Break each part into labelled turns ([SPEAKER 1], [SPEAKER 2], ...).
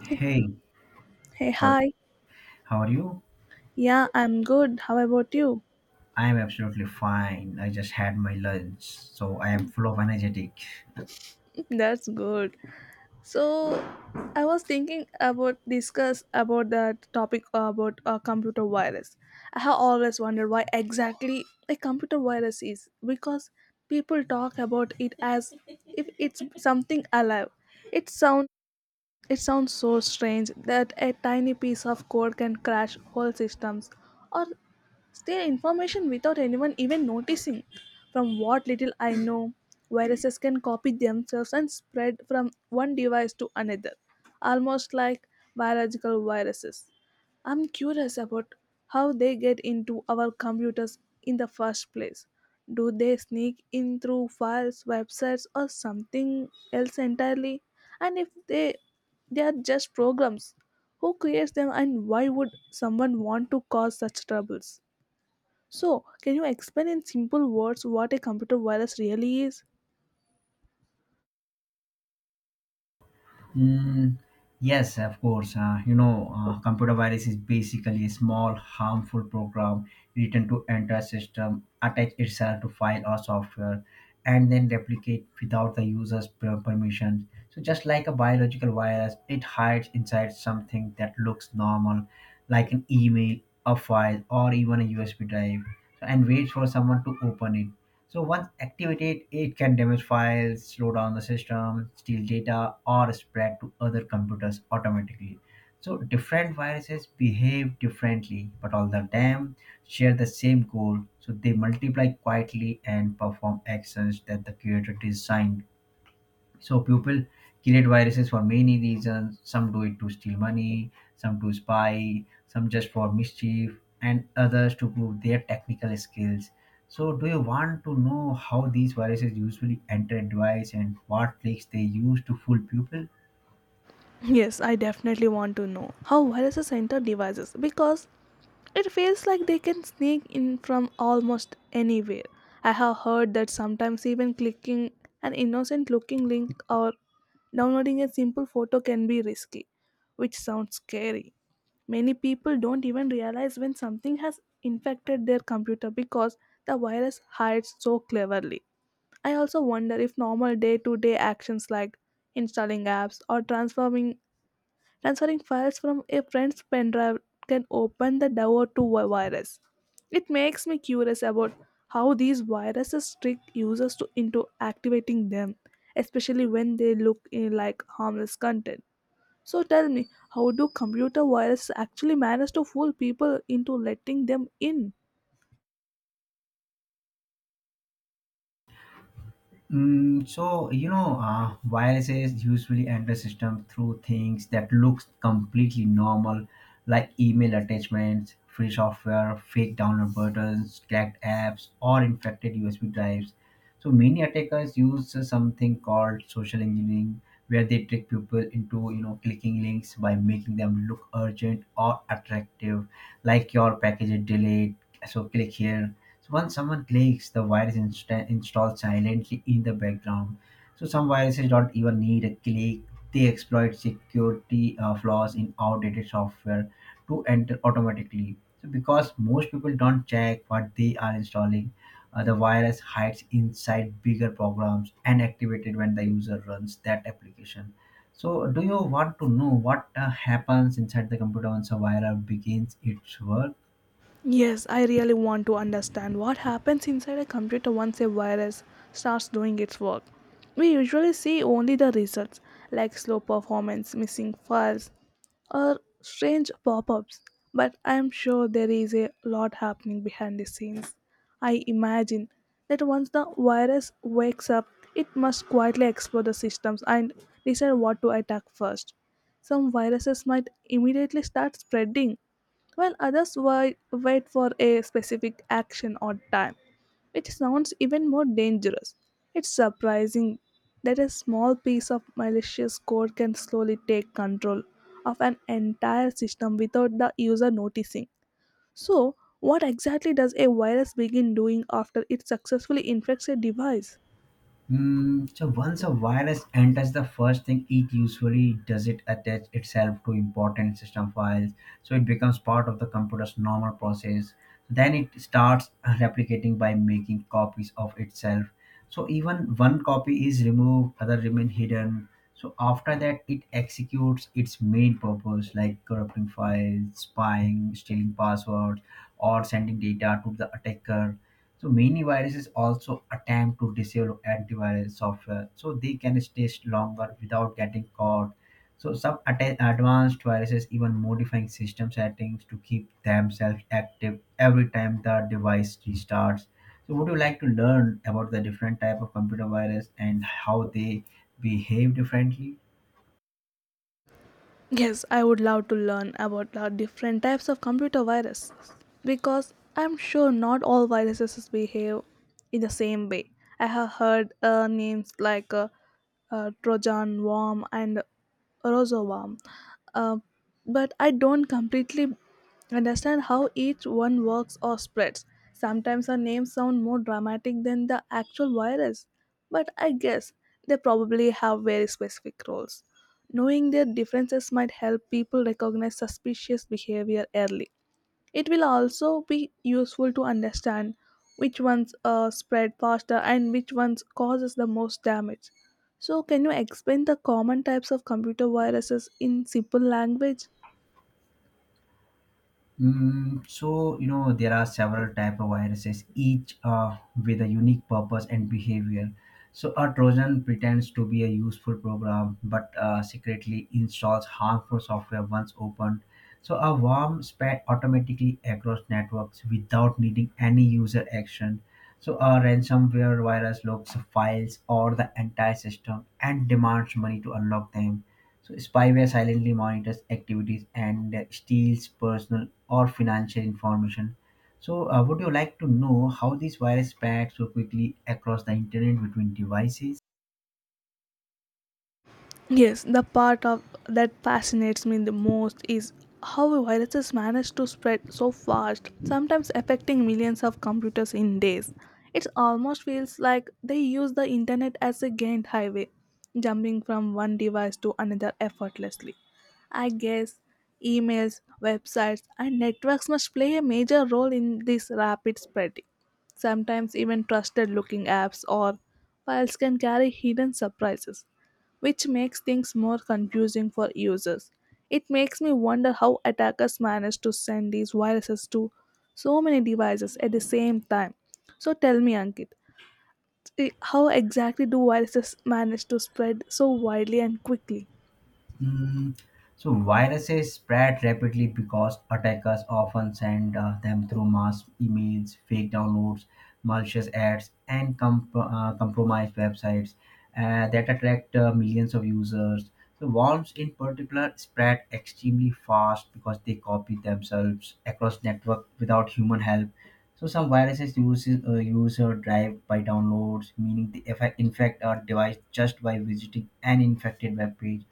[SPEAKER 1] Hey,
[SPEAKER 2] Hey,
[SPEAKER 1] how
[SPEAKER 2] hi.
[SPEAKER 1] how are you?
[SPEAKER 2] Yeah, I'm good. How about you?
[SPEAKER 1] I am absolutely fine. I just had my lunch, so I am full of energetic.
[SPEAKER 2] That's good. So, I was thinking about discuss about the topic about a computer virus. I have always wondered why exactly a computer virus is because people talk about it as if it's something alive. It sounds It sounds so strange that a tiny piece of code can crash whole systems or steal information without anyone even noticing. From what little I know, viruses can copy themselves and spread from one device to another, almost like biological viruses. I'm curious about how they get into our computers in the first place. Do they sneak in through files, websites, or something else entirely? And if they are just programs, who creates them and why would someone want to cause such troubles? So, can you explain in simple words what a computer virus really is?
[SPEAKER 1] Mm, yes, of course. Computer virus is basically a small, harmful program written to enter a system, attach itself to file or software, and then replicate without the user's permission. So, just like a biological virus, it hides inside something that looks normal, like an email, a file, or even a USB drive, and waits for someone to open it. So once activated, it can damage files, slow down the system, steal data, or spread to other computers automatically. So different viruses behave differently, but all of them share the same goal. So they multiply quietly and perform actions that the creator designed so people create viruses for many reasons. Some do it to steal money, some to spy, some just for mischief, and others to prove their technical skills. So, do you want to know how these viruses usually enter a device and what tricks they use to fool people?
[SPEAKER 2] Yes, I definitely want to know how viruses enter devices because it feels like they can sneak in from almost anywhere. I have heard that sometimes even clicking an innocent looking link or downloading a simple photo can be risky, which sounds scary. Many people don't even realize when something has infected their computer because the virus hides so cleverly. I also wonder if normal day to day actions like installing apps or transforming Transferring files from a friend's pendrive can open the door to a virus. It makes me curious about how these viruses trick users into activating them, especially when they look like harmless content. So tell me, how do computer viruses actually manage to fool people into letting them in?
[SPEAKER 1] Viruses usually enter system through things that looks completely normal, like email attachments, free software, fake download buttons, cracked apps, or infected USB drives. So many attackers use something called social engineering, where they trick people into clicking links by making them look urgent or attractive, like your package is delayed, so click here so once someone clicks, the virus installs silently in the background. So some viruses don't even need a click. They exploit security flaws in outdated software to enter automatically. So because most people don't check what they are installing, the virus hides inside bigger programs and activated when the user runs that application. So do you want to know what happens inside the computer once a virus begins its work?
[SPEAKER 2] Yes, I really want to understand what happens inside a computer once a virus starts doing its work. We usually see only the results, like slow performance, missing files, or strange pop ups, but I am sure there is a lot happening behind the scenes. I imagine that once the virus wakes up, it must quietly explore the systems and decide what to attack first. Some viruses might immediately start spreading while wait for a specific action or time, which sounds even more dangerous. It's surprising that a small piece of malicious code can slowly take control of an entire system without the user noticing. So, what exactly does a virus begin doing after it successfully infects a device?
[SPEAKER 1] Mm, so once a virus enters the first thing it usually does it attach itself to important system files so it becomes part of the computer's normal process then it starts replicating by making copies of itself so even one copy is removed other remain hidden so after that it executes its main purpose like corrupting files spying stealing passwords or sending data to the attacker so many viruses also attempt to disable antivirus software so they can stay longer without getting caught. So some advanced viruses even modifying system settings to keep themselves active every time the device restarts. So would you like to learn about the different type of computer virus and how they behave differently?
[SPEAKER 2] Yes, I would love to learn about the different types of computer viruses because I'm sure not all viruses behave in the same way. I have heard names like Trojan worm and Rosoworm, uh, but I don't completely understand how each one works or spreads. Sometimes our names sound more dramatic than the actual virus, but I guess they probably have very specific roles. Knowing their differences might help people recognize suspicious behavior early. It will also be useful to understand which ones spread faster and which ones causes the most damage. So, can you explain the common types of computer viruses in simple language?
[SPEAKER 1] There are several type of viruses, each with a unique purpose and behavior. So a Trojan pretends to be a useful program, but secretly installs harmful software once opened. So a worm spread automatically across networks without needing any user action. So a ransomware virus locks files or the entire system and demands money to unlock them so spyware silently monitors activities and steals personal or financial information. So would you like to know how these viruses spread so quickly across the internet between devices?
[SPEAKER 2] Yes, the part of that fascinates me the most is how viruses manage to spread so fast, sometimes affecting millions of computers in days. It almost feels like they use the internet as a gained highway, jumping from one device to another effortlessly. I guess emails, websites, and networks must play a major role in this rapid spreading. Sometimes even trusted looking apps or files can carry hidden surprises which makes things more confusing for users. It makes me wonder how attackers manage to send these viruses to so many devices at the same time. So tell me, Ankit, how exactly do viruses manage to spread so widely and quickly?
[SPEAKER 1] Mm, so viruses spread rapidly because attackers often send them through mass emails, fake downloads, malicious ads, and compromised websites that attract millions of users. So worms, in particular, spread extremely fast because they copy themselves across network without human help. So some viruses use user drive by downloads, meaning they infect our device just by visiting an infected web page.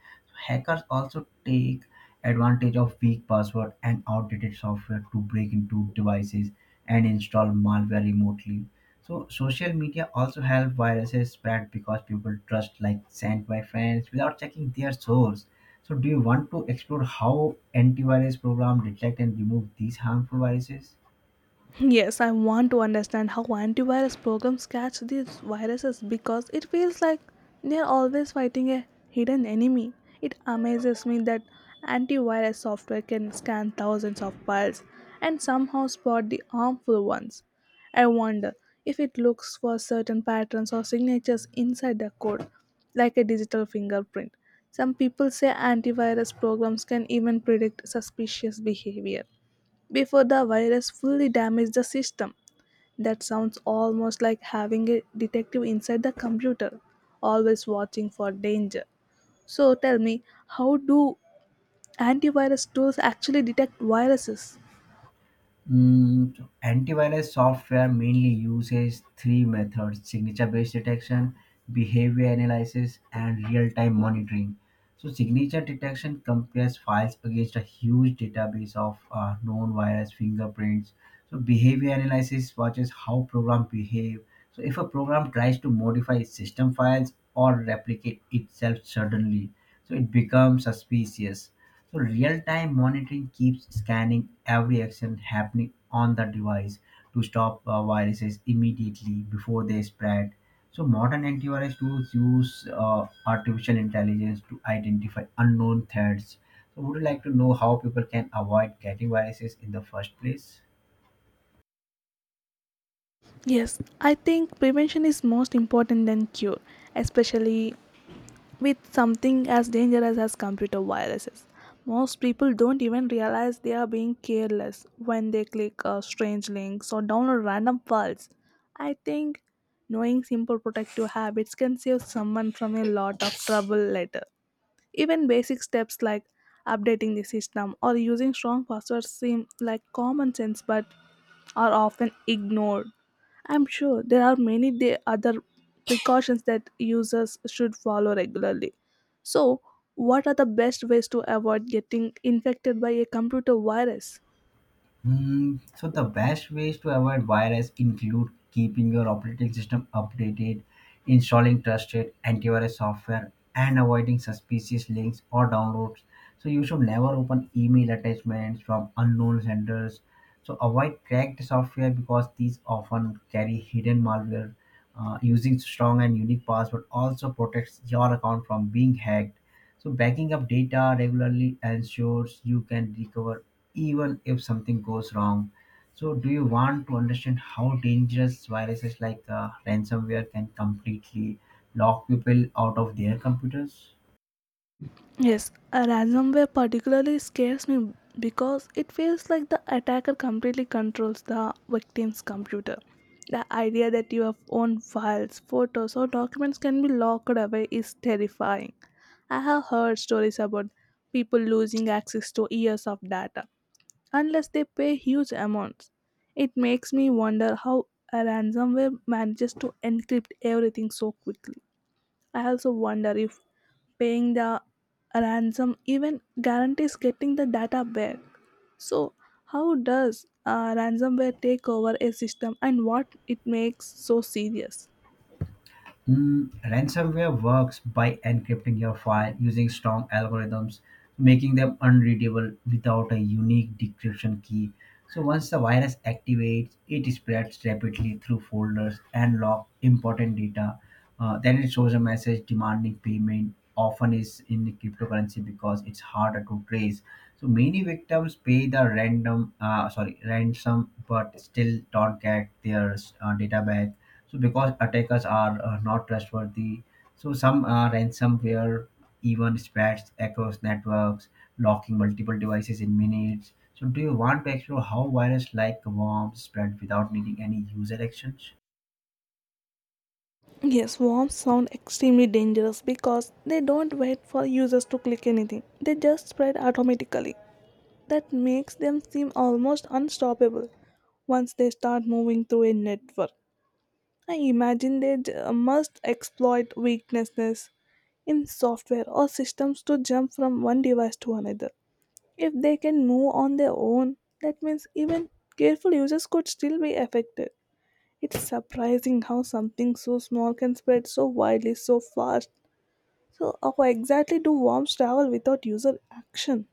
[SPEAKER 1] Hackers also take advantage of weak password and outdated software to break into devices and install malware remotely. So social media also help viruses spread because people trust like sent by friends without checking their source. So do you want to explore how antivirus program detect and remove these harmful viruses?
[SPEAKER 2] Yes, I want to understand how antivirus programs catch these viruses because it feels like they are always fighting a hidden enemy. It amazes me that antivirus software can scan thousands of files and somehow spot the harmful ones. I wonder if it looks for certain patterns or signatures inside the code, like a digital fingerprint. Some people say antivirus programs can even predict suspicious behavior before the virus fully damaged the system. That sounds almost like having a detective inside the computer, always watching for danger. So tell me, how do antivirus tools actually detect viruses?
[SPEAKER 1] Mm, so antivirus software mainly uses three methods signature based detection, behavior analysis, and real time monitoring. So, signature detection compares files against a huge database of known virus fingerprints. So, behavior analysis watches how programs behave. So, if a program tries to modify its system files or replicate itself suddenly, so it becomes suspicious. So real-time monitoring keeps scanning every action happening on the device to stop viruses immediately before they spread. So modern antivirus tools use artificial intelligence to identify unknown threats. So would you like to know how people can avoid getting viruses in the first place?
[SPEAKER 2] Yes, I think prevention is most important than cure, especially with something as dangerous as computer viruses. Most people don't even realize they are being careless when they click strange links or download random files. I think knowing simple protective habits can save someone from a lot of trouble later. Even basic steps like updating the system or using strong passwords seem like common sense, but are often ignored. I'm sure there are many the other precautions that users should follow regularly. So, what are the best ways to avoid getting infected by a computer virus?
[SPEAKER 1] Mm, so the best ways to avoid virus include keeping your operating system updated, installing trusted antivirus software, and avoiding suspicious links or downloads. So you should never open email attachments from unknown senders. So avoid cracked software because these often carry hidden malware. Using strong and unique password also protects your account from being hacked. So backing up data regularly ensures you can recover even if something goes wrong. So do you want to understand how dangerous viruses like ransomware can completely lock people out of their computers?
[SPEAKER 2] Yes, a ransomware particularly scares me because it feels like the attacker completely controls the victim's computer. The idea that your own files, photos, or documents can be locked away is terrifying. I have heard stories about people losing access to years of data unless they pay huge amounts. It makes me wonder how a ransomware manages to encrypt everything so quickly. I also wonder if paying the ransom even guarantees getting the data back. So, how does ransomware take over a system and what it makes so serious?
[SPEAKER 1] Mm, ransomware works by encrypting your file using strong algorithms, making them unreadable without a unique decryption key. So once the virus activates, it spreads rapidly through folders and lock important data. Then it shows a message demanding payment. Often is in cryptocurrency because it's harder to trace. So many victims pay the random, sorry, ransom, but still don't get their data back so because attackers are not trustworthy, so some ransomware even spreads across networks, locking multiple devices in minutes. So do you want to explore how virus like worms spread without needing any user actions?
[SPEAKER 2] Yes, worms sound extremely dangerous because they don't wait for users to click anything. They just spread automatically. That makes them seem almost unstoppable once they start moving through a network. I imagine must exploit weaknesses in software or systems to jump from one device to another. If they can move on their own, that means even careful users could still be affected. It's surprising how something so small can spread so widely so fast. So, how exactly do worms travel without user action?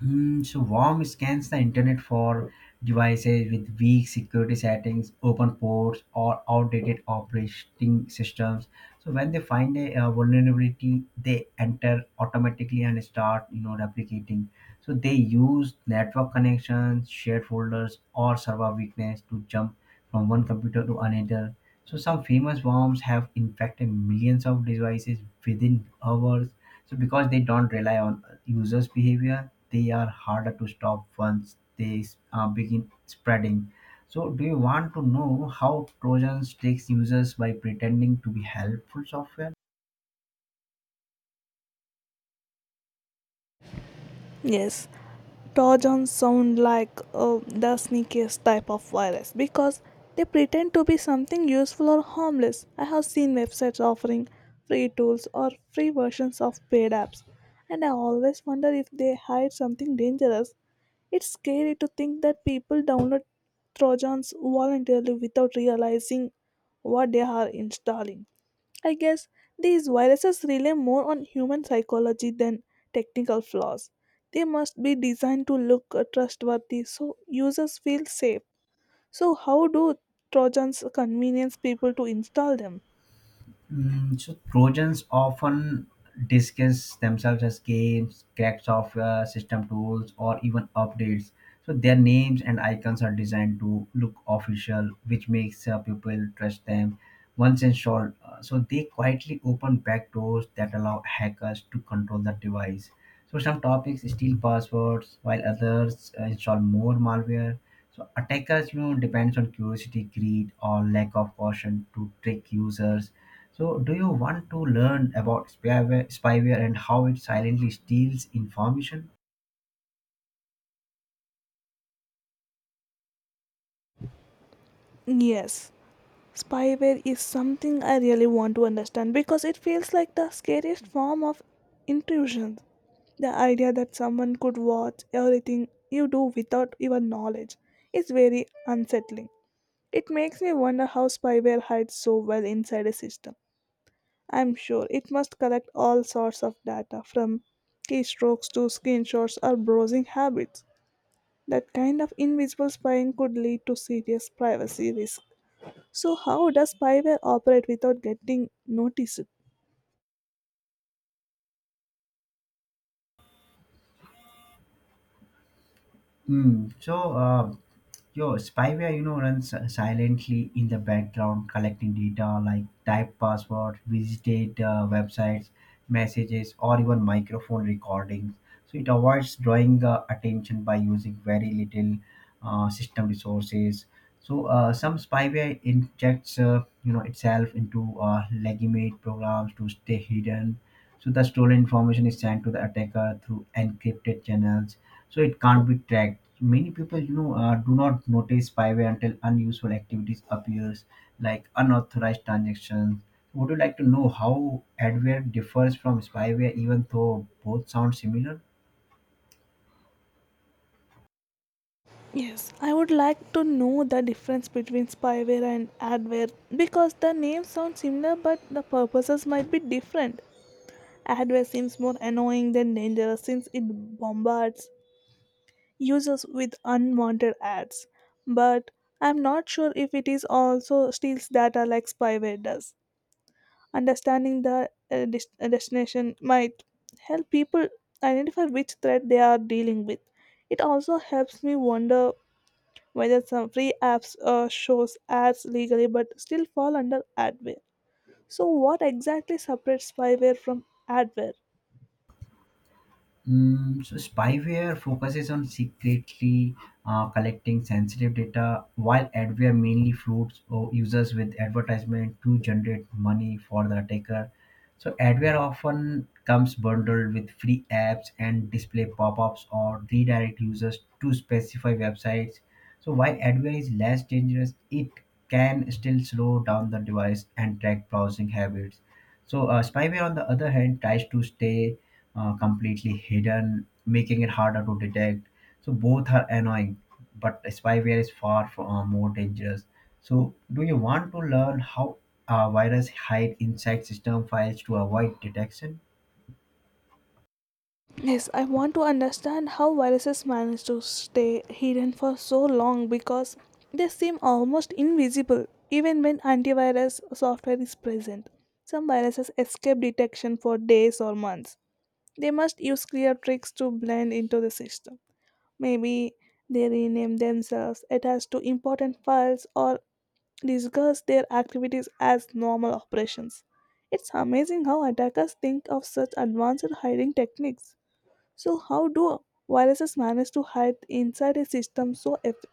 [SPEAKER 1] Hmm, so worm scans the internet for devices with weak security settings, open ports, or outdated operating systems. So when they find a, vulnerability, they enter automatically and start, replicating. So they use network connections, shared folders, or server weakness to jump from one computer to another. So some famous worms have infected millions of devices within hours. So because they don't rely on users' behavior, they are harder to stop once they begin spreading. So do you want to know how Trojans tricks users by pretending to be helpful software?
[SPEAKER 2] Yes, Trojans sound like the sneakiest type of virus because they pretend to be something useful or harmless. I have seen websites offering free tools or free versions of paid apps, and I always wonder if they hide something dangerous. It's scary to think that people download Trojans voluntarily without realizing what they are installing. I guess these viruses rely more on human psychology than technical flaws. They must be designed to look trustworthy so users feel safe. So, how do Trojans convenience people to install them?
[SPEAKER 1] Mm, so Trojans often disguise themselves as games, cracked software, system tools, or even updates. So their names and icons are designed to look official, which makes people trust them. Once installed, so they quietly open backdoors that allow hackers to control the device. So some topics steal passwords, while others install more malware. So attackers, depends on curiosity, greed, or lack of caution to trick users. So do you want to learn about spyware and how it silently steals information?
[SPEAKER 2] Yes, spyware is something I really want to understand because it feels like the scariest form of intrusion. The idea that someone could watch everything you do without your knowledge is very unsettling. It makes me wonder how spyware hides so well inside a system. I'm sure it must collect all sorts of data from keystrokes to screenshots or browsing habits. That kind of invisible spying could lead to serious privacy risk. So, how does spyware operate without getting noticed?
[SPEAKER 1] Hmm. So your spyware, runs silently in the background, collecting data like type password, visited websites, messages, or even microphone recordings. So it avoids drawing attention by using very little system resources. So some spyware injects, itself into legitimate programs to stay hidden. So the stolen information is sent to the attacker through encrypted channels so it can't be tracked many people do not notice spyware until unusual activities appears like unauthorized transactions would you like to know how adware differs from spyware even though both sound similar
[SPEAKER 2] Yes, I would like to know the difference between spyware and adware because the names sound similar but the purposes might be different. Adware seems more annoying than dangerous since it bombards users with unwanted ads. But I'm not sure if it is also steals data like spyware does. Understanding the destination might help people identify which threat they are dealing with. It also helps me wonder whether some free apps shows ads legally but still fall under adware. So what exactly separates spyware from adware?
[SPEAKER 1] Mm, so spyware focuses on secretly collecting sensitive data, while adware mainly floods users with advertisement to generate money for the attacker. So adware often comes bundled with free apps and display pop-ups or redirect users to specify websites. So while adware is less dangerous, it can still slow down the device and track browsing habits. So spyware, on the other hand, tries to stay completely hidden, making it harder to detect. So both are annoying, but spyware is far from, more dangerous. So do you want to learn how a virus hide inside system files to avoid detection?
[SPEAKER 2] Yes, I want to understand how viruses manage to stay hidden for so long because they seem almost invisible even when antivirus software is present. Some viruses escape detection for days or months. They must use clear tricks to blend into the system. Maybe they rename themselves, attach to important files, or disguise their activities as normal operations. It's amazing how attackers think of such advanced hiding techniques. So, how do viruses manage to hide inside a system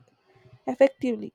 [SPEAKER 2] effectively?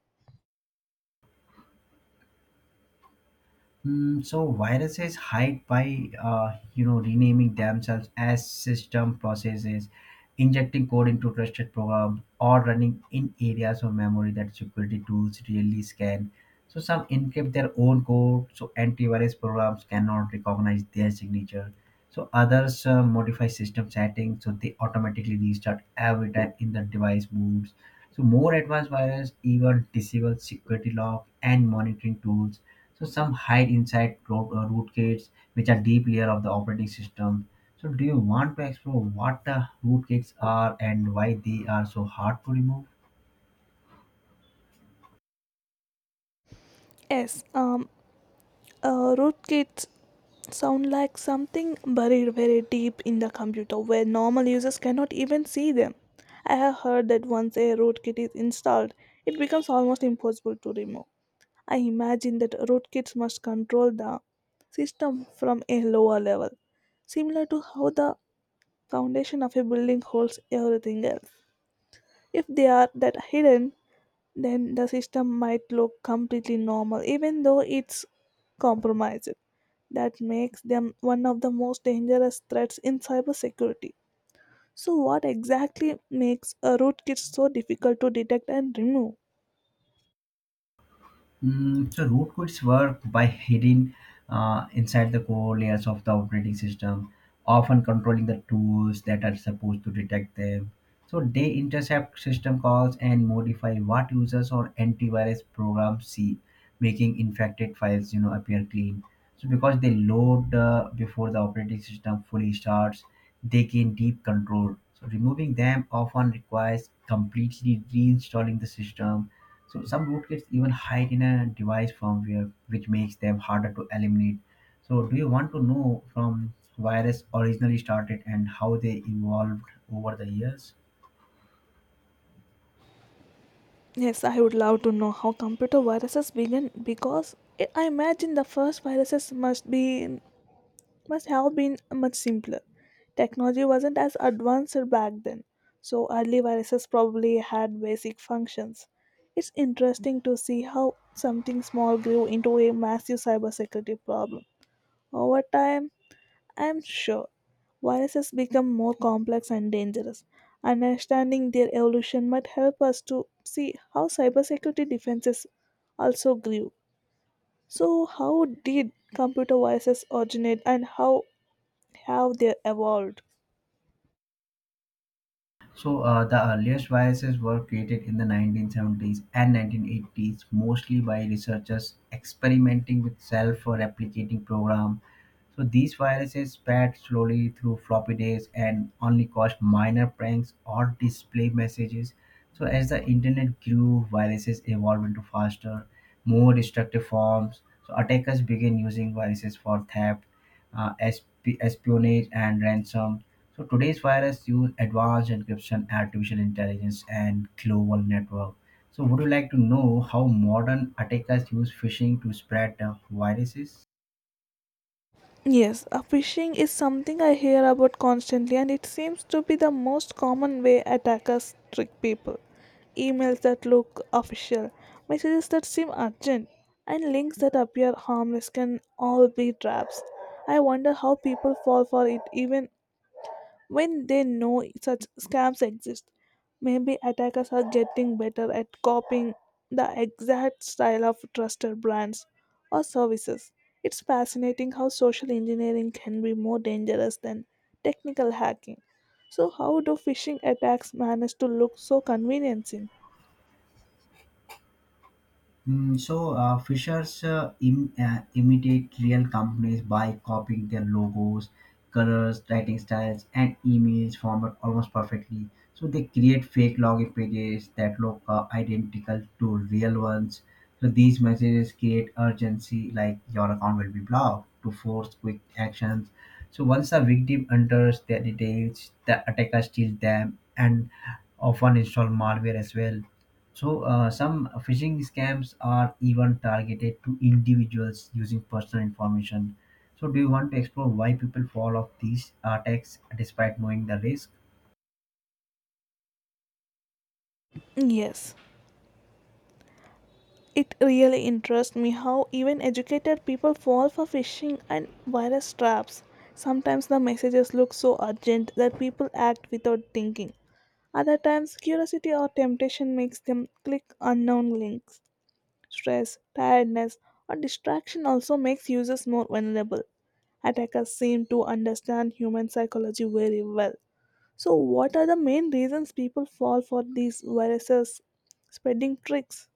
[SPEAKER 1] Mm, so viruses hide by renaming themselves as system processes, injecting code into trusted programs, or running in areas of memory that security tools really scan. So some encrypt their own code, so antivirus programs cannot recognize their signature. So others modify system settings, so they automatically restart every time in the device moves so more advanced viruses even disable security lock and monitoring tools. So some hide inside rootkits, which are deep layer of the operating system. So do you want to explore what the rootkits are and why they are so hard to remove?
[SPEAKER 2] Yes, rootkits sound like something buried very deep in the computer where normal users cannot even see them. I have heard that once a rootkit is installed, it becomes almost impossible to remove. I imagine that rootkits must control the system from a lower level, similar to how the foundation of a building holds everything else. If they are that hidden, then the system might look completely normal, even though it's compromised. That makes them one of the most dangerous threats in cybersecurity. So, what exactly makes a rootkit so difficult to detect and remove?
[SPEAKER 1] Mm, so rootkits work by hidden inside the core layers of the operating system, often controlling the tools that are supposed to detect them. So they intercept system calls and modify what users or antivirus programs see, making infected files appear clean. So because they load before the operating system fully starts, they gain deep control. So removing them often requires completely reinstalling the system. So some rootkits even hide in a device firmware, which makes them harder to eliminate. So do you want to know from virus originally started and how they evolved over the years?
[SPEAKER 2] Yes, I would love to know how computer viruses begin because I imagine the first viruses must have been much simpler. Technology wasn't as advanced back then, so early viruses probably had basic functions. It's interesting to see how something small grew into a massive cybersecurity problem. Over time, I'm sure viruses become more complex and dangerous. Understanding their evolution might help us to see how cybersecurity defenses also grew. So, how did computer viruses originate and how they evolved.
[SPEAKER 1] So the earliest viruses were created in the 1970s and 1980s, mostly by researchers experimenting with self-replicating program. So these viruses spread slowly through floppy disks and only caused minor pranks or display messages. So as the internet grew, viruses evolved into faster, more destructive forms. So attackers began using viruses for theft, espionage, and ransom. So today's virus use advanced encryption, artificial intelligence, and global network. So would you like to know how modern attackers use phishing to spread viruses?
[SPEAKER 2] Yes, phishing is something I hear about constantly, and it seems to be the most common way attackers trick people. Emails that look official, messages that seem urgent, and links that appear harmless can all be traps. I wonder how people fall for it even when they know such scams exist, maybe attackers are getting better at copying the exact style of trusted brands or services. It's fascinating how social engineering can be more dangerous than technical hacking. So, how do phishing attacks manage to look so convincing?
[SPEAKER 1] So Fishers imitate real companies by copying their logos, colors, writing styles, and emails format almost perfectly. So they create fake login pages that look identical to real ones. So these messages create urgency, like your account will be blocked, to force quick actions. So once a victim enters their details, the attacker steals them and often install malware as well. So some phishing scams are even targeted to individuals using personal information. So do you want to explore why people fall off these attacks despite knowing the risk?
[SPEAKER 2] Yes, it really interests me how even educated people fall for phishing and virus traps. Sometimes the messages look so urgent that people act without thinking. Other times, curiosity or temptation makes them click unknown links. Stress, tiredness, or distraction also makes users more vulnerable. Attackers seem to understand human psychology very well. So, what are the main reasons people fall for these viruses? Spreading tricks,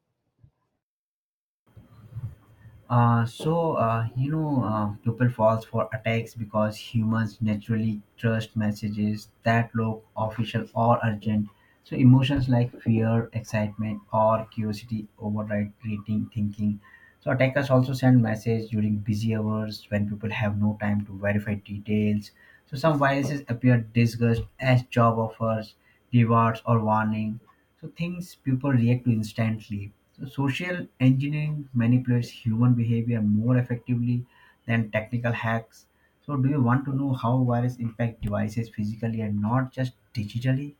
[SPEAKER 1] People falls for attacks because humans naturally trust messages that look official or urgent. So emotions like fear, excitement, or curiosity override reading thinking. So attackers also send messages during busy hours when people have no time to verify details. So some viruses appear disguised as job offers, rewards, or warning so things people react to instantly. So social engineering manipulates human behavior more effectively than technical hacks. So do you want to know how viruses impact devices physically and not just digitally?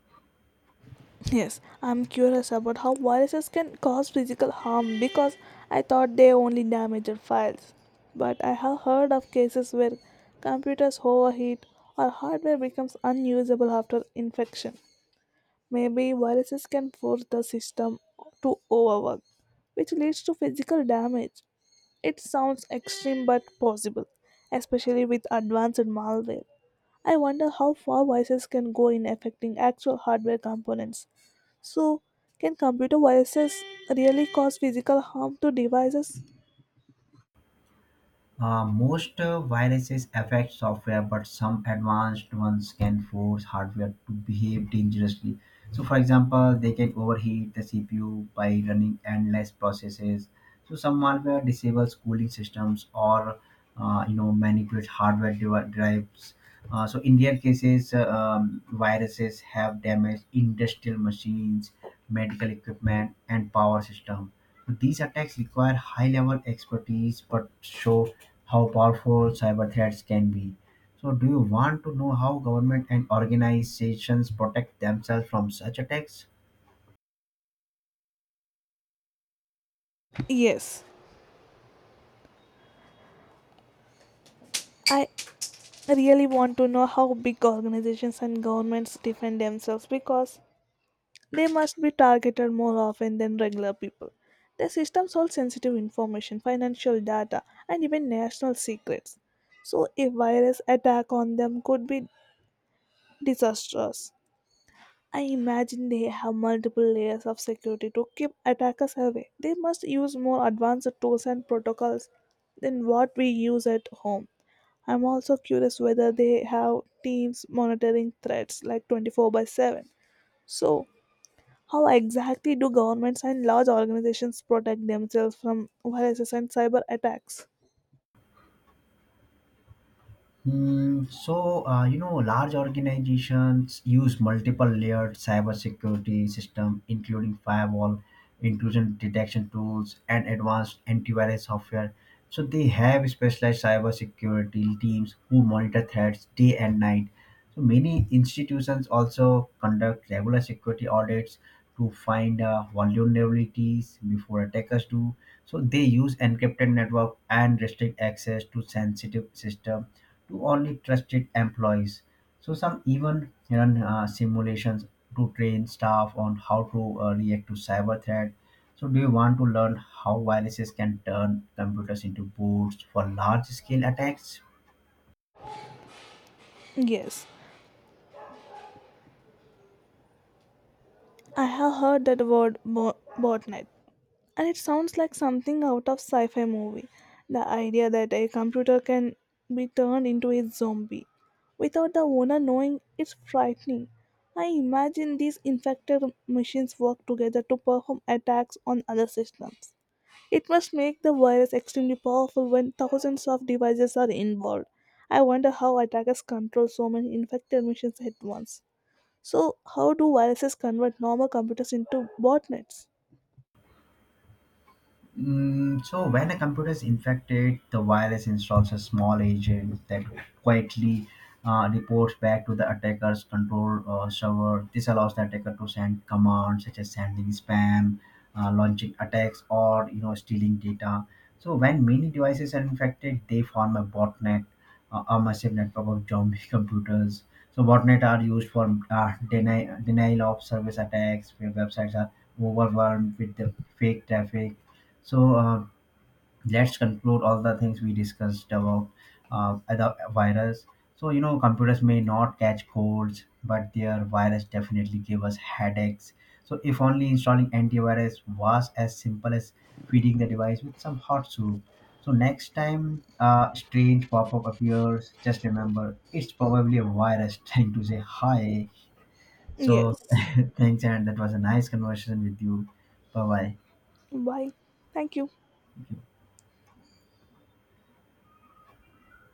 [SPEAKER 2] yes, I'm curious about how viruses can cause physical harm because I thought they only damaged files. But I have heard of cases where computers overheat or hardware becomes unusable after infection. Maybe viruses can force the system to overwork, which leads to physical damage. It sounds extreme but possible, especially with advanced malware. I wonder how far viruses can go in affecting actual hardware components so, can computer viruses really cause physical harm to devices?
[SPEAKER 1] Most viruses affect software, but some advanced ones can force hardware to behave dangerously. So, for example, they can overheat the CPU by running endless processes. So, some malware disables cooling systems or manipulate hardware drives. So, in rare cases, viruses have damaged industrial machines, medical equipment, and power system. These attacks require high-level expertise, but show how powerful cyber threats can be. So, do you want to know how government and organizations protect themselves from such attacks?
[SPEAKER 2] Yes. I really want to know how big organizations and governments defend themselves because they must be targeted more often than regular people. Their systems hold sensitive information, financial data, and even national secrets. So, a virus attack on them could be disastrous. I imagine they have multiple layers of security to keep attackers away. They must use more advanced tools and protocols than what we use at home. I'm also curious whether they have teams monitoring threats like 24/7. So, how exactly do governments and large organizations protect themselves from viruses and cyber attacks?
[SPEAKER 1] Large organizations use multiple layered cybersecurity system, including firewall, intrusion detection tools, and advanced antivirus software. So, they have specialized cybersecurity teams who monitor threats day and night. So many institutions also conduct regular security audits to find vulnerabilities before attackers do. So they use encrypted network and restrict access to sensitive system to only trusted employees. So some even run simulations to train staff on how to react to cyber threat. So do you want to learn how viruses can turn computers into boards for large scale attacks?
[SPEAKER 2] Yes, I have heard that botnet. And it sounds like something out of sci fi movie. The idea that a computer can be turned into a zombie without the owner knowing is frightening. I imagine these infected machines work together to perform attacks on other systems. It must make the virus extremely powerful when thousands of devices are involved. I wonder how attackers control so many infected machines at once. So, how do viruses convert normal computers into botnets?
[SPEAKER 1] So when a computer is infected, the virus installs a small agent that quietly reports back to the attacker's control server. This allows the attacker to send commands such as sending spam, launching attacks, or stealing data. So when many devices are infected, they form a botnet, a massive network of zombie computers. So botnet are used for denial of service attacks, where websites are overwhelmed with the fake traffic so let's conclude all the things we discussed about the virus. So you know, computers may not catch colds, but their virus definitely give us headaches. So if only installing antivirus was as simple as feeding the device with some hot soup. So next time a strange pop-up appears, just remember it's probably a virus trying to say hi. So
[SPEAKER 2] Yes.
[SPEAKER 1] thanks, and that was a nice conversation with you. Bye bye.
[SPEAKER 2] Bye. Thank you.